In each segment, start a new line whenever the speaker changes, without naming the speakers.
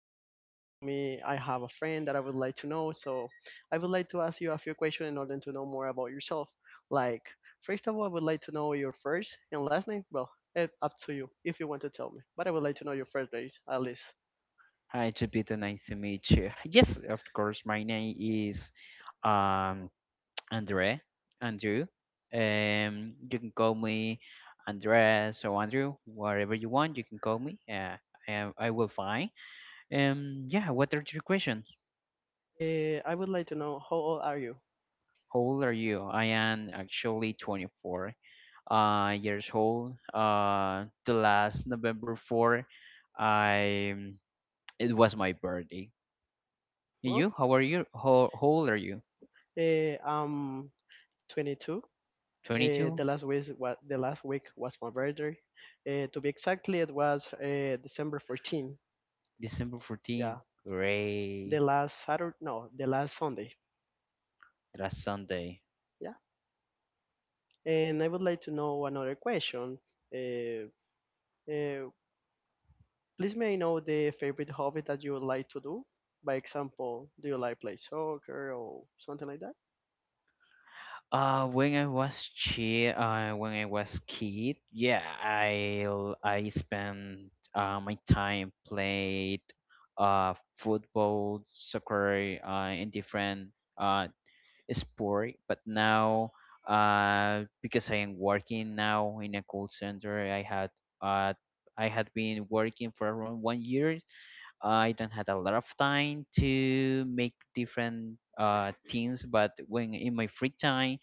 Hobbit. Next to me, I have a friend that I would like to know. So I would like to ask you a few questions in order to know more about yourself. Like first of all, I would like to know your first and last name. Well, up to you if you want to tell me. But I would like to know your first name at least.
Hi, Jupiter. Nice to meet you. Yes, of course. My name is um Andre, Andrew. You can call me Andres or Andrew, whatever you want. You can call me. Yeah, I will find. Yeah. What are your questions?
I would like to know how old are you?
How old are you? I am actually 24 years old. The last November 4th, I it was my birthday. And
Well,
you? How are you? How old are you?
I'm 22.
22
The last week was the last week was my birthday. To be exactly, it was December 14.
December 14th
Yeah,
Ray,
the last Saturday, no, the last Sunday.
last Sunday.
Yeah, and I would like to know another question. Uh, uh, please may I know the favorite hobby that you would like to do? By example, do you like play soccer or something like that?
When I was chi when I was kid. Yeah, I spent my time played football, soccer, in different sport, but now, because I am working now in a call center. I had uh I had been working for around 1 year. I don't had a lot of time to make different things, but when in my free time,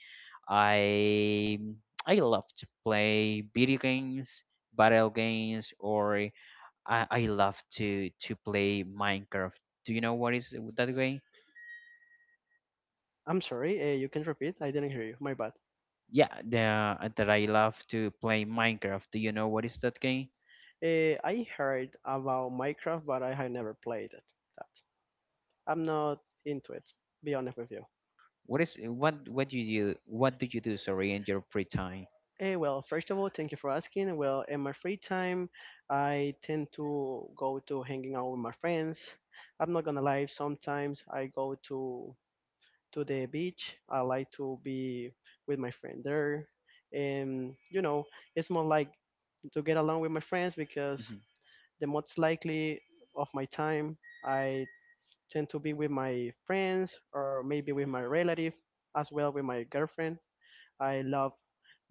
I I love to play video games, battle games, or I love to play Minecraft. Do you know what is that game?
I'm sorry, you can repeat. I didn't hear you. My bad.
Yeah, that I love to play Minecraft. Do you know what is that game?
I heard about Minecraft, but I have never played it. That I'm not into it. Be honest with you.
What is what do you do? What do you do? Sorry, in your free time.
Well, first of all, thank you for asking. Well, in my free time, I tend to go to hanging out with my friends. I'm not gonna lie, sometimes I go to the beach. I like to be with my friend there. And it's more like to get along with my friends, because
Mm-hmm.
the most likely of my time I tend to be with my friends or maybe with my relative, as well with my girlfriend. I love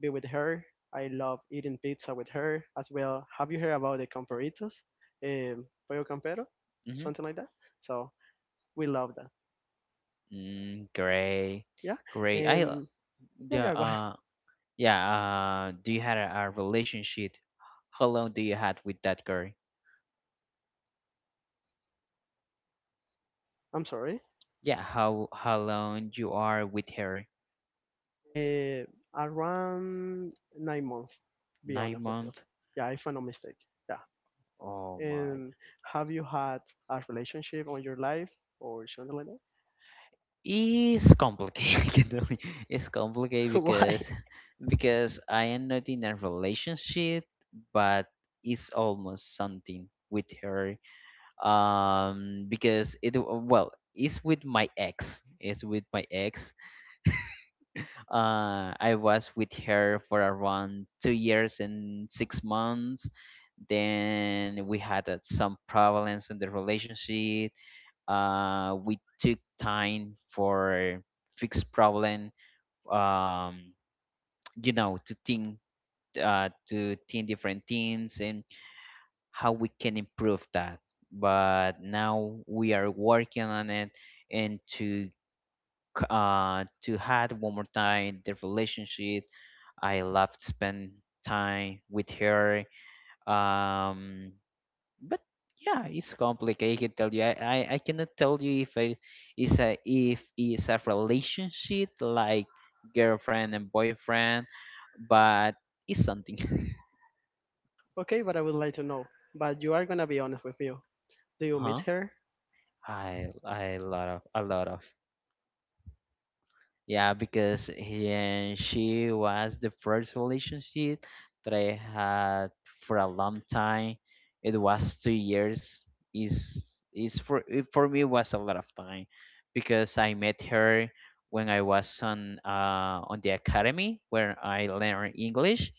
be with her. I love eating pizza with her as well. Have you heard about the camperitos, pollo campero,
Mm-hmm.
something like that? So we love that.
Mm, great,
Yeah,
great. I
and yeah,
Yeah,
yeah. Go ahead.
yeah, do you had a relationship? How long do you had with that girl?
I'm sorry.
Yeah, how long you are with her?
Uh, around 9 months, be
Nine
honest with you.
months?
Yeah, if I'm not mistaken. Yeah.
Oh my.
And have you had a relationship on your life or something like that?
It's complicated. It's complicated
Why?
because I am not in a relationship, but it's almost something with her. Because it well, it's with my ex. It's with my ex. I was with her for around 2 years and 6 months. Then we had some problems in the relationship. We took time for fix problem. Um, you know, to think, to think different things and how we can improve that. But now we are working on it and to had one more time the relationship. I loved spend time with her. Um, but yeah, it's complicated. I can tell you. I cannot tell you if I is a if it's a relationship like girlfriend and boyfriend, but it's something.
Okay, but I would like to know. But you are gonna be honest with you. Do you miss
Huh?
her?
I lot of a lot of Yeah, because he and she was the first relationship that I had for a long time. It was 2 years. For me was a lot of time because I met her when I was on the academy where I learned English.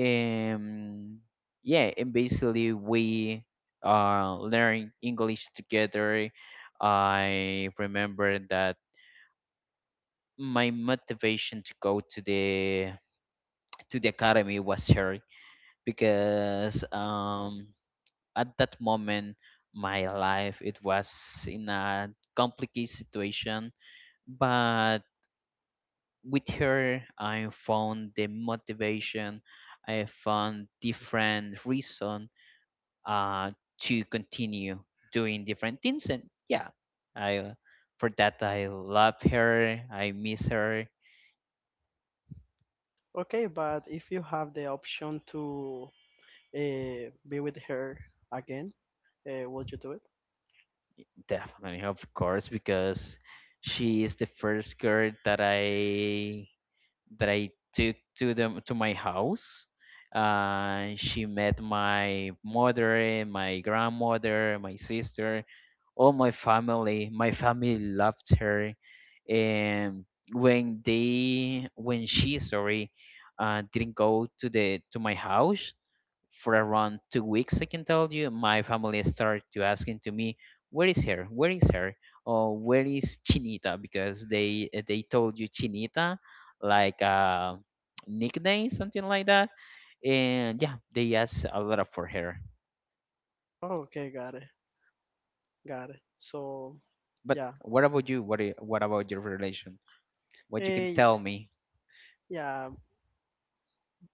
Um yeah, and basically we learned English together. I remember that my motivation to go to the academy was her, because at that moment my life it was in a complicated situation, but with her I found the motivation. I found different reason uh to continue doing different things. And yeah, I for that I love her, I miss her.
Okay, but if you have the option to be with her again, would you do it?
Definitely, of course, because she is the first girl that I took to my house. She met my mother, my grandmother, my sister, all my family. My family loved her, and when she, sorry, didn't go to my house for around 2 weeks. I can tell you, my family started to asking to me, "Where is her? Where is her? Or where is Chinita?" Because they told you Chinita, like nickname, something like that. And yeah, they asked a lot for her.
Oh, okay, got it, got it. So,
But
yeah,
what about you? What about your relation? What you can
eh,
tell me?
yeah.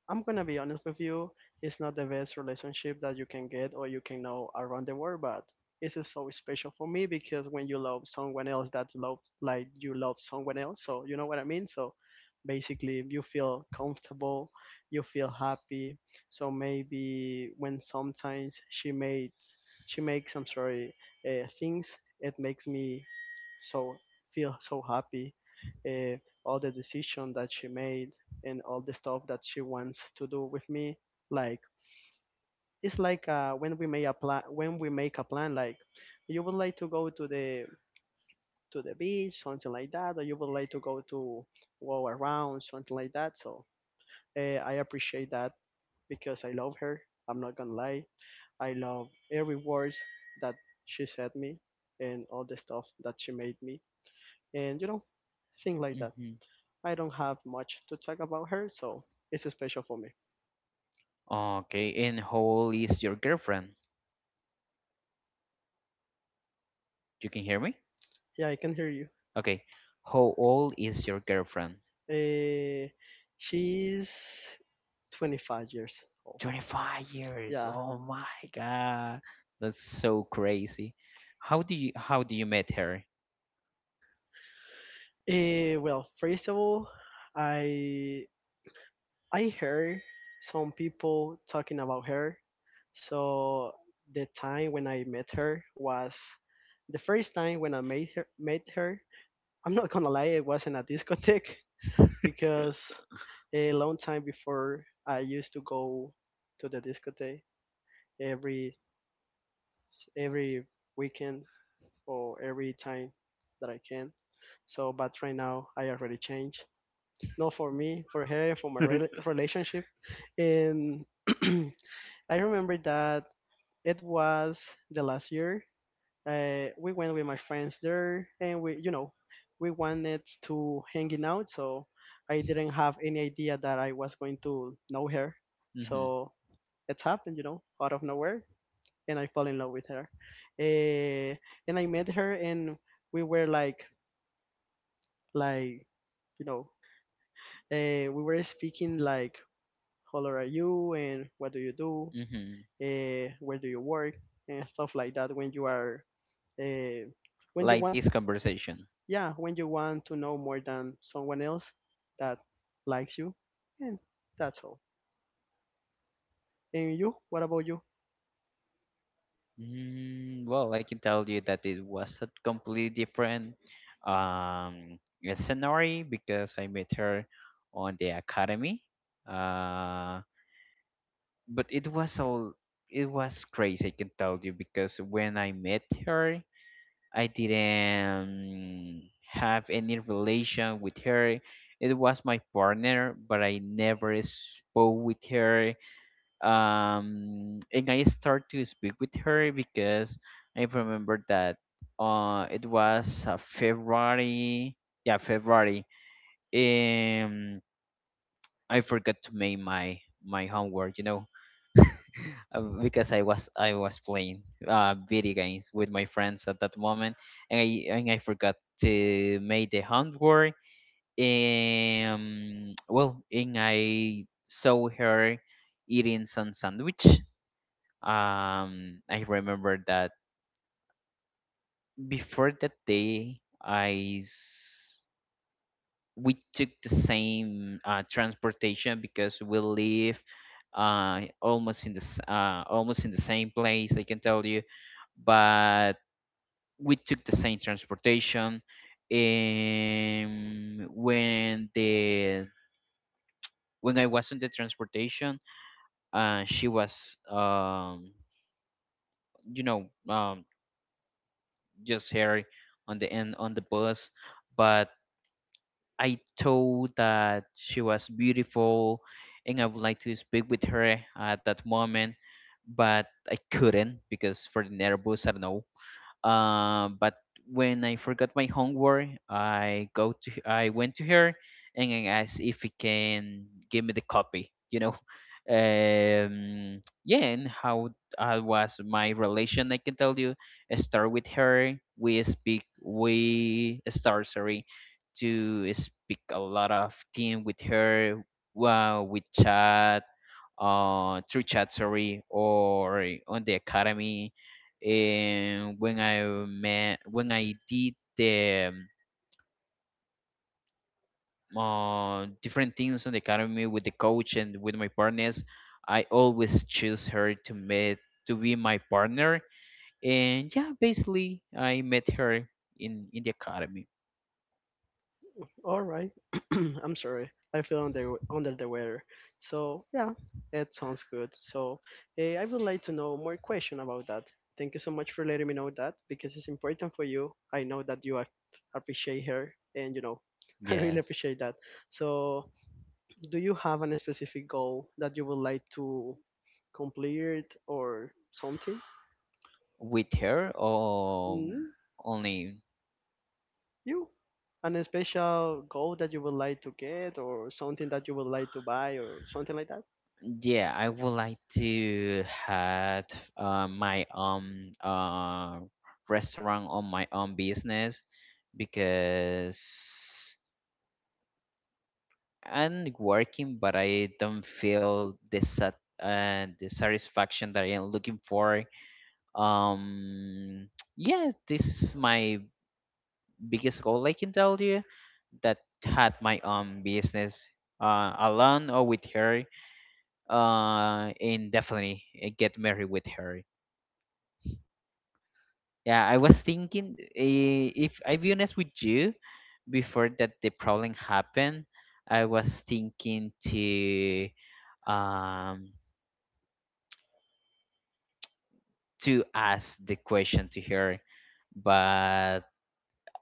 I'm gonna be honest with you, it's not the best relationship that you can get or you can know around the world, but it's just so special for me because when you love someone else that love like you love someone else, so you know what I mean? So basically you feel comfortable, you feel happy. So maybe when sometimes she makes I'm sorry, things it makes me so feel so happy, uh, all the decision that she made and all the stuff that she wants to do with me, like it's like when we make a plan when we make a plan, like you would like to go to the beach, something like that, or you would like to go to walk around something like that. So I appreciate that because I love her. I'm not gonna lie, I love every word that she said me and all the stuff that she made me, and things like that.
hmm
I don't have much to talk about her, so it's special for me.
Okay, and how old is your girlfriend? You can hear me?
Yeah, I can hear you.
Okay, how old is your girlfriend?
Uh, she's 25 years old.
25 years.
Yeah.
Oh my God. That's so crazy. How do you met her?
Well, first of all, I I heard some people talking about her. So the time when I met her was the first time when I met her. I'm not gonna lie, it wasn't a discotheque because a long time before I used to go to the discotheque every every weekend or every time that I can. So, but right now I already changed. Not for me, for her, for my relationship. And I remember that it was the last year. We went with my friends there, and we wanted to hanging out. So I didn't have any idea that I was going to know her.
Mhm.
So it happened, out of nowhere, and I fell in love with her. Uh, and I met her, and we were like, you know, speaking like, how old are you, and what do you do,
Mhm.
where do you work, and stuff like that. Uh, when you
Like
want,
this conversation.
yeah, when you want to know more than someone else that likes you, and that's all. And you, what about you?
Well, I can tell you that it was a completely different um scenario because I met her on the academy. Uh but it was all it was crazy, I can tell you, because when I met her, I didn't have any relation with her. It was my partner, but I never spoke with her. And I started to speak with her because I remember that it was February. Yeah, February. Um, I forgot to make my homework, because I was playing video games with my friends at that moment, and I forgot to make the homework. Well, and I saw her eating some sandwich. I remember that before that day, I we took the same transportation because we live almost in the almost in the same place, I can tell you, but we took the same transportation. And when I was on the transportation, she was you know um, just here on the end on the bus, but I told that she was beautiful and I would like to speak with her at that moment, but I couldn't because for the nervous, I don't know. But when I forgot my homework, I went to her and I asked if he can give me the copy. Yeah, and how was my relation? I can tell you, I start with her. We speak. We start, sorry, to speak a lot of thing with her. Wow, we chat through chat, sorry, or on the academy. And when I did the um, different things on the academy with the coach and with my partners, I always choose her to be my partner. And yeah, basically, I met her in the academy.
All right. I'm sorry. I feel under the weather. So yeah, it sounds good. So I would like to know more question about that. Thank you so much for letting me know that, because it's important for you. I know that you appreciate her, and I really
Yes,
appreciate that. So do you have any specific goal that you would like to complete or something?
with her,
Mm,
only.
you. An special goal that you would like to get, or something that you would like to buy, or something like that?
Yeah, I would like to have my own restaurant on my own business, because I'm working, but I don't feel the sat the satisfaction that I am looking for. Um, yeah, this is my biggest goal. I can tell you that had my own business, alone or with her, and definitely get married with her. Yeah, I was thinking, if I be honest with you, before that the problem happened, I was thinking um to ask the question to her, but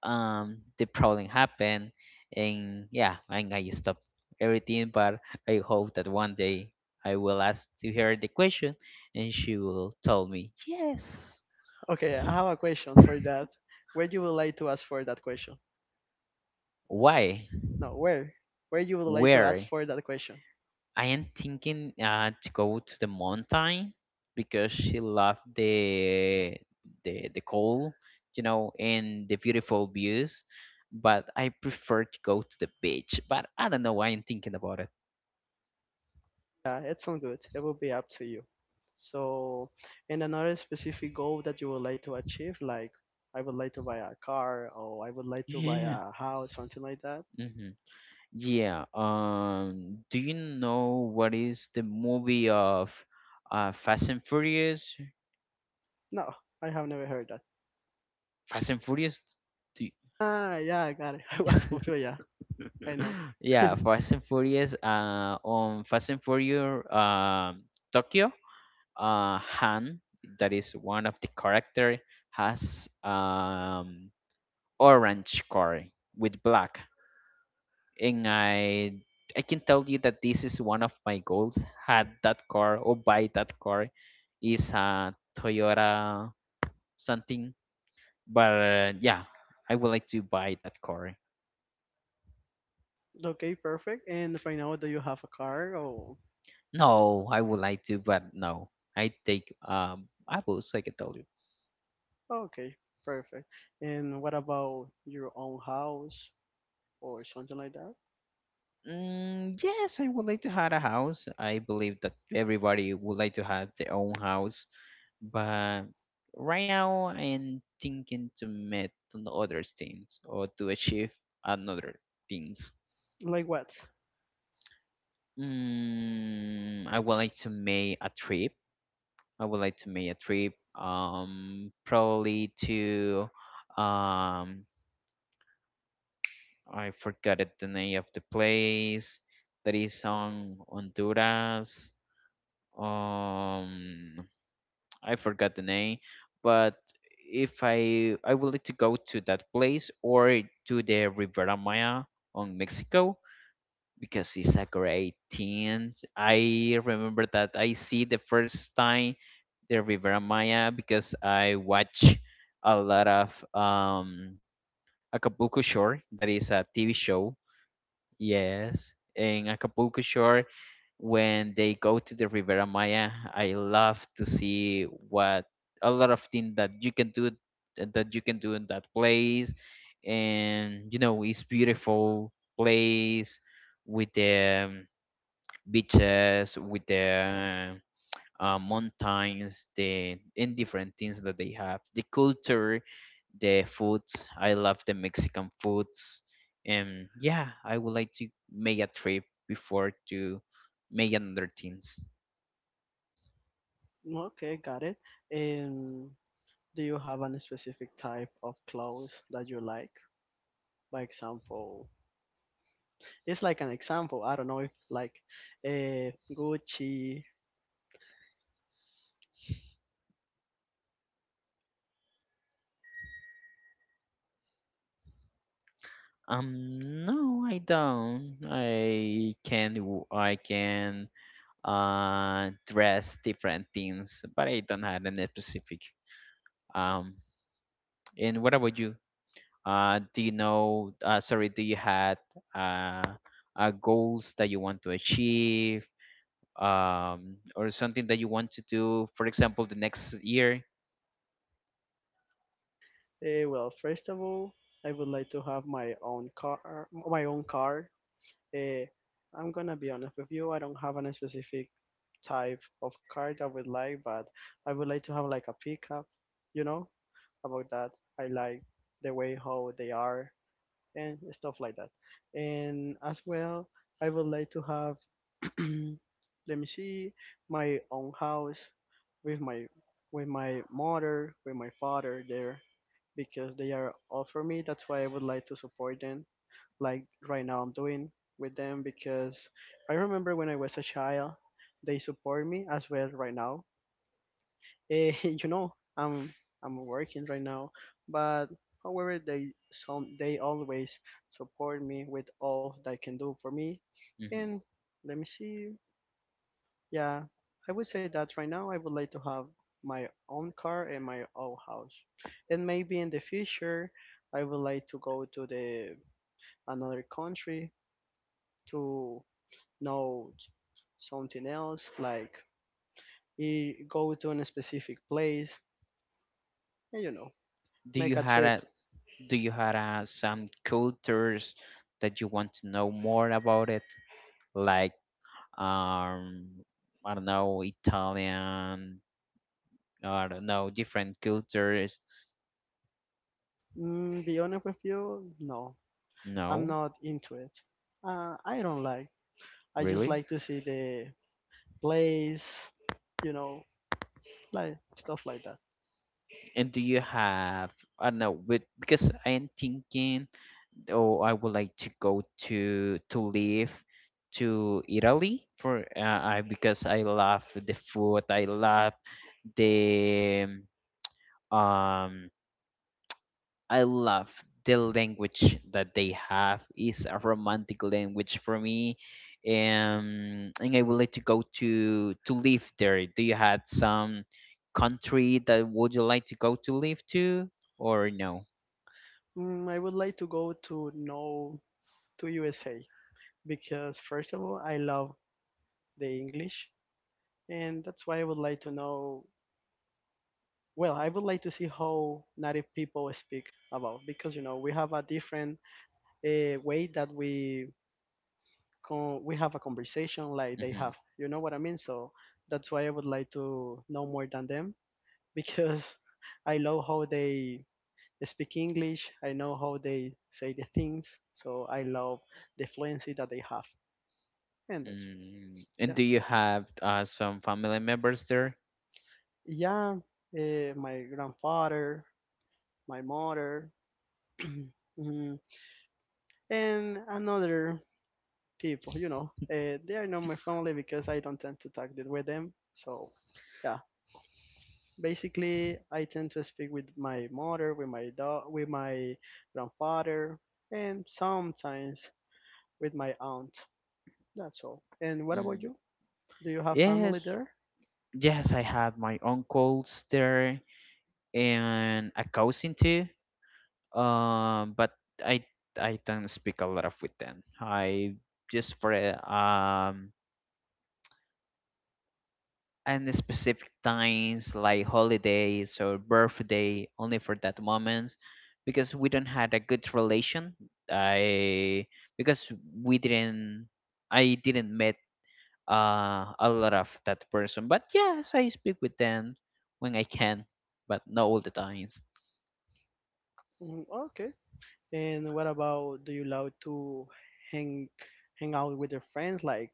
the problem happened, and yeah, and I stopped everything. But I hope that one day I will ask to her the question, and she will tell me yes,
Okay, I have a question for that. Where you would like to ask for that question?
why,
No, where? Where you would like to ask
where.
for that question?
I am thinking to go to the mountain because she loved the cold, and the beautiful views. But I prefer to go to the beach. But I don't know why I'm thinking about it.
Yeah, it's not good. It will be up to you. So, and another specific goal that you would like to achieve, like I would like to buy a car or I would like to buy
Yeah.
a house, something like that.
Hmm. Yeah. Do you know what is the movie of Fast and Furious?
No, I have never heard that.
Fast and Furious. Do you...
Ah, yeah, I got it. I was confused. Yeah, I know.
Yeah, Fast and Furious. On Fast and Furious, Tokyo, Han, that is one of the character, has orange car with black, and I can tell you that this is one of my goals. Had that car or buy that car, is a Toyota something, but yeah, I would like to buy that car.
Okay, perfect. And right now, do you have a car or?
No, I would like to, but no. I take apples, like I told you.
Okay, perfect. And what about your own house or something like that?
Mm, yes, I would like to have a house. I believe that everybody would like to have their own house, but right now I'm thinking to meet on other things or to achieve another things.
Like what?
I would like to make a trip. I would like to make a trip. Probably to um I forgot it, the name of the place that is on Honduras. Um, I forgot the name, but if I I would like to go to that place or to the Riviera Maya on Mexico because it's a great thing. I remember that I see the first time the Riviera Maya because I watch a lot of Acapulco Shore, that is a TV show. Yes, in Acapulco Shore, when they go to the Riviera Maya, I love to see what a lot of things that you can do in that place, and it's beautiful place with the beaches, with the mountains, the and different things that they have, the culture, the foods. I love the Mexican foods, and yeah, I would like to make a trip before to make another things.
Okay, got it. And do you have any specific type of clothes that you like? By example, it's like an example. I don't know if like uh, Gucci.
No, I don't. I can dress different things, but I don't have any specific. Um, and what about you? Do you know? Sorry, do you had uh, goals that you want to achieve, or something that you want to do? For example, the next year.
Well, first of all, I would like to have my own car, my own car. Eh, I'm gonna be honest with you. I don't have any specific type of car I would like, but I would like to have like a pickup. You know about that. I like the way how they are and stuff like that. And as well, I would like to have. Let me see, my own house with my mother, with my father there, because they are all for me. That's why I would like to support them, like right now I'm doing with them, because I remember when I was a child, they support me as well right now. Eh, you know, I'm I'm working right now, but however they always support me with all they can do for me.
Mhm.
And let me see. Yeah, I would say that right now I would like to have my own car and my own house. And maybe in the future I would like to go to the another country to no something else, like you go to a specific place and
Do
make
you
a
had
trip.
a, do you had some cultures that you want to know more about it, like um, I don't know, Italian, I don't know, different cultures.
Be honest with you, no, I'm
No,
not into it. I don't like, I just
really?
like to see the place, you know like stuff like that.
And do you have, I don't know, with because I'm thinking, oh, I would like to go to live to Italy for I because I love the food, I love the um, I love the language that they have, is a romantic language for me, and I would like to go to live there. Do you have some country that would you like to go to live to or no?
I would like to go to know to USA, because first of all I love the English, and that's why I would like to know. Well, I would like to see how native people speak about, because we have a different way that we have a conversation like they
Mm-hmm.
have. You know what I mean? So that's why I would like to know more than them, because I love how they speak English. I know how they say the things. So I love the fluency that they have, and that's
Mm. And
yeah,
do you have some family members there?
yeah. My grandfather, my mother, mhm, and another people. They are not my family because I don't tend to talk with them. So, yeah, basically, I tend to speak with my mother, with my dog, with my grandfather, and sometimes with my aunt. That's all. And what about
Mm.
you? Do you have
Yes,
family there?
yes, I have my uncles there and a cousin too. Um, but I I don't speak a lot of with them. I just for and specific times like holidays or birthday only for that moments because we don't had a good relation. I because we didn't I didn't met a lot of that person. But yes, I speak with them when I can, but not all the times.
Mm, okay. And what about, do you love to hang hang out with your friends, like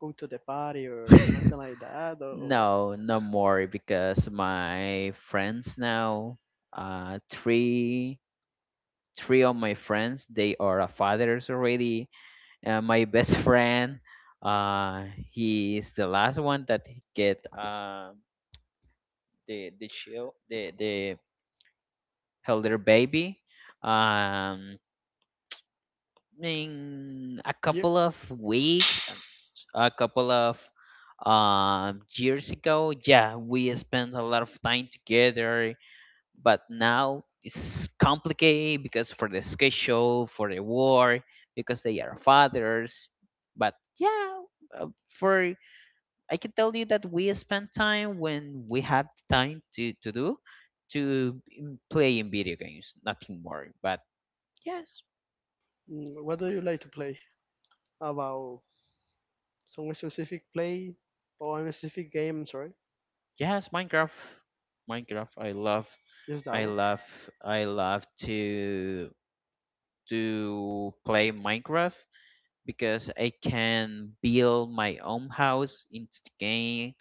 go to the party or something like that? Or
No, no more because my friends now, uh, three, three of my friends, they are fathers already. My best friend, he is the last one that get the child, the elder baby. Um, in a
you,
couple of weeks, a couple of years ago, yeah, we spent a lot of time together, but now it's complicated because for the schedule, for the war, because they are fathers. But yeah, for I can tell you that we spend time when we have time to play in video games, nothing more. But yes,
mm, what do you like to play? About. So a specific play or a specific game, sorry,
yes, Minecraft. Minecraft. I love.
just that
I
one.
love. I love to play Minecraft because I can build my own house in the game.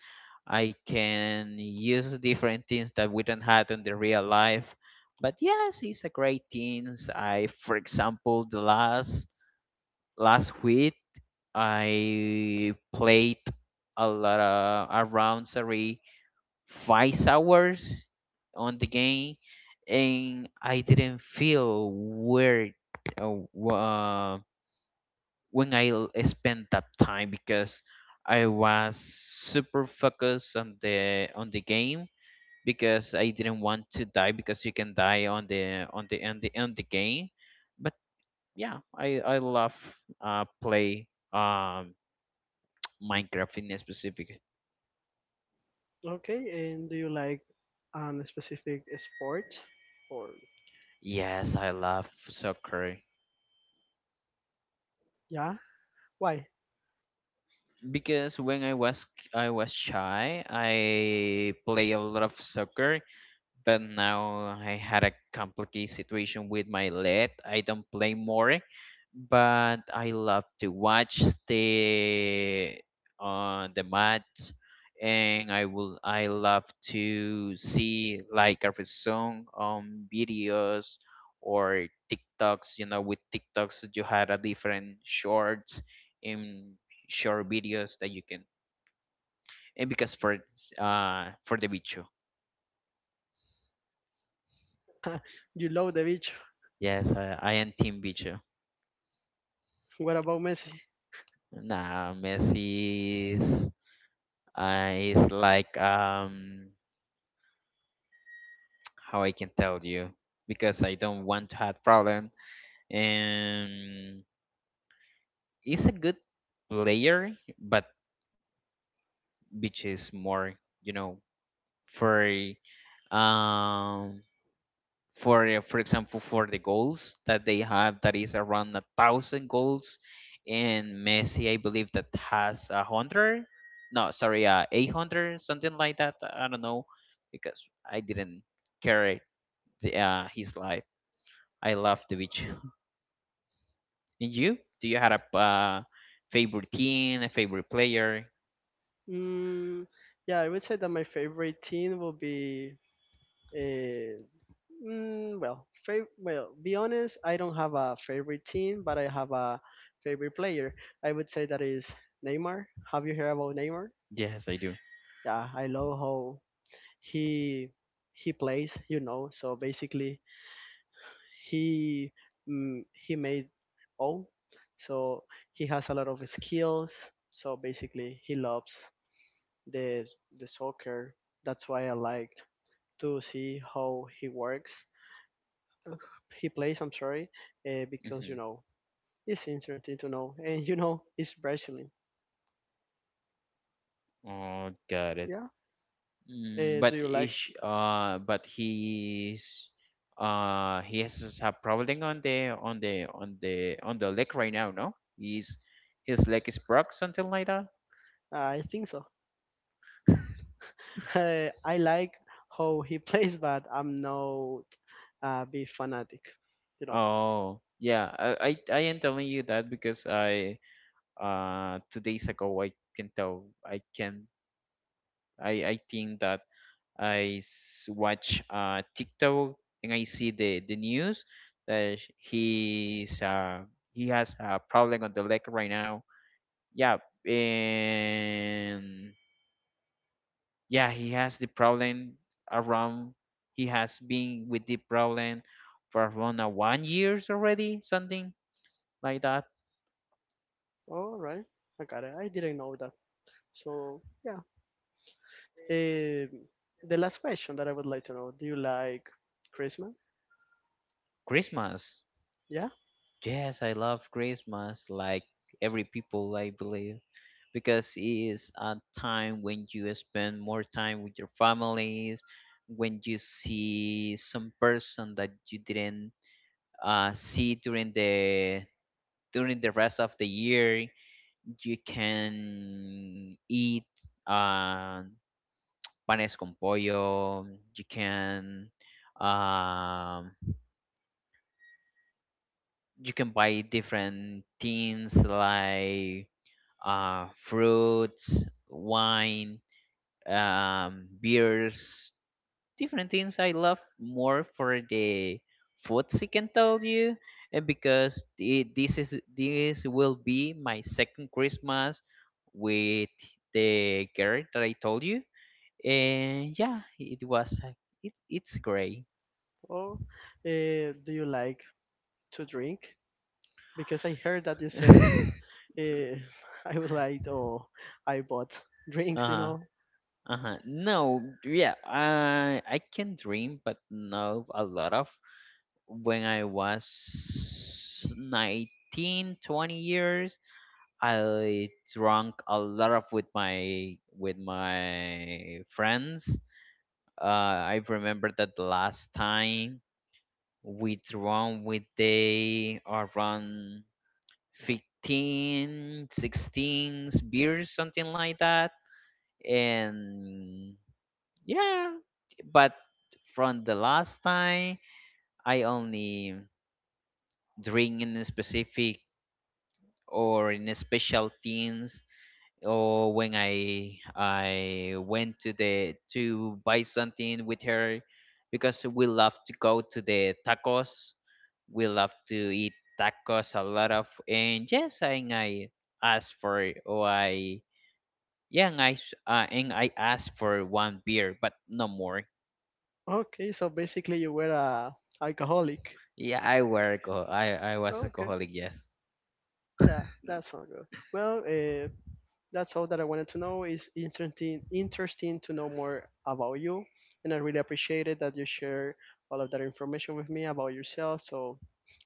I can use different things that we don't have in the real life. But yes, it's a great thing. I, for example, the last week I played a lot of around Sari 5 hours on the game, and I didn't feel weird uh, w- uh, when I spent that time because I was super focused on the game because I didn't want to die because you can die on the game. But yeah, I love play um Minecraft in specific.
Okay, and do you like a specific sport or
Yes, I love soccer.
yeah? Why?
Because when I was shy, I play a lot of soccer but now I had a complicated situation with my leg. I don't play more, but I love to watch the match, and I love to see like a song on videos or TikToks. You know, with TikToks you had a different shorts and short videos that you can. And because for the bicho,
You love the beach.
yes, I am team bicho.
What about Messi?
Nah, Messi is like how I can tell you because I don't want to have problem. And he's a good player, but which is more you know for um for example for the goals that they have that is around 1,000 goals, and Messi, I believe, that has 100, no, sorry, 800 something like that. I don't know because I didn't care his life. I love the beach. And you do you have a favorite team, a favorite player?
Mm, yeah, I would say that my favorite team will be. Uh, well, be honest, I don't have a favorite team, but I have a favorite player. I would say that is Neymar. Have you heard about Neymar?
Yes, I do.
Yeah, I love how he he plays, so basically he he made all, so he has a lot of skills, so basically he loves the the soccer. That's why I liked to see how he works. Uh, he plays, I'm sorry, because
Hmm.
it's interesting to know. And it's Brazilian.
Oh, got it.
Yeah.
Mm,
Do
but
you like?
ish, uh, but he has a problem on the leg right now. No, he's his leg is broke, something like that.
I think so. I like how he plays, but I'm not be fanatic, you know.
Oh, yeah. I am telling you that because I 2 days ago I can tell I can I think that I watch TikTok and I see the news that he has a problem on the leg right now, yeah. And yeah, he has the problem around, he has been with the problem for around one years already, something like that.
All right, I got it. I didn't know that. So yeah. Um, the last question that I would like to know: Do you like Christmas?
Christmas,
Yeah,
yes, I love Christmas like every people I believe because it is a time when you spend more time with your families, when you see some person that you didn't see during the rest of the year. You can eat uh, panes con pollo. You can um, you can buy different things like fruits, wine, beers, different things. I love more for the foods I can tell you, and because this will be my second Christmas with the girl that I told you. And yeah, it was it it's gray.
or do you like to drink? Because I heard that you said uh, I would like, or I bought drinks, you
Uh-huh.
know.
Uh-huh. No, yeah, I can dream but not a lot of when I was 19, 20 years, I drank a lot of with my friends. I remember that the last time we drunk with they around 15, 16 beers, something like that. And yeah, but from the last time I only drink in a specific or in a special things or when I went to buy something with her because we love to go to the tacos, we love to eat tacos a lot of. And yes, and I asked for it, or I, yeah, and I and I asked for one beer, but no more.
Okay, so basically you were a alcoholic.
Yeah, I were alcohol. I was
Okay,
alcoholic. Yes.
yeah, that's all good. Well, that's all that I wanted to know. It's interesting, interesting to know more about you, and I really appreciate it that you share all of that information with me about yourself. So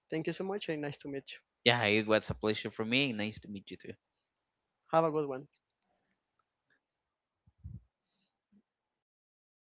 thank you so much, and nice to meet you.
Yeah, it was a pleasure for me. Nice to meet you too.
Have a good one.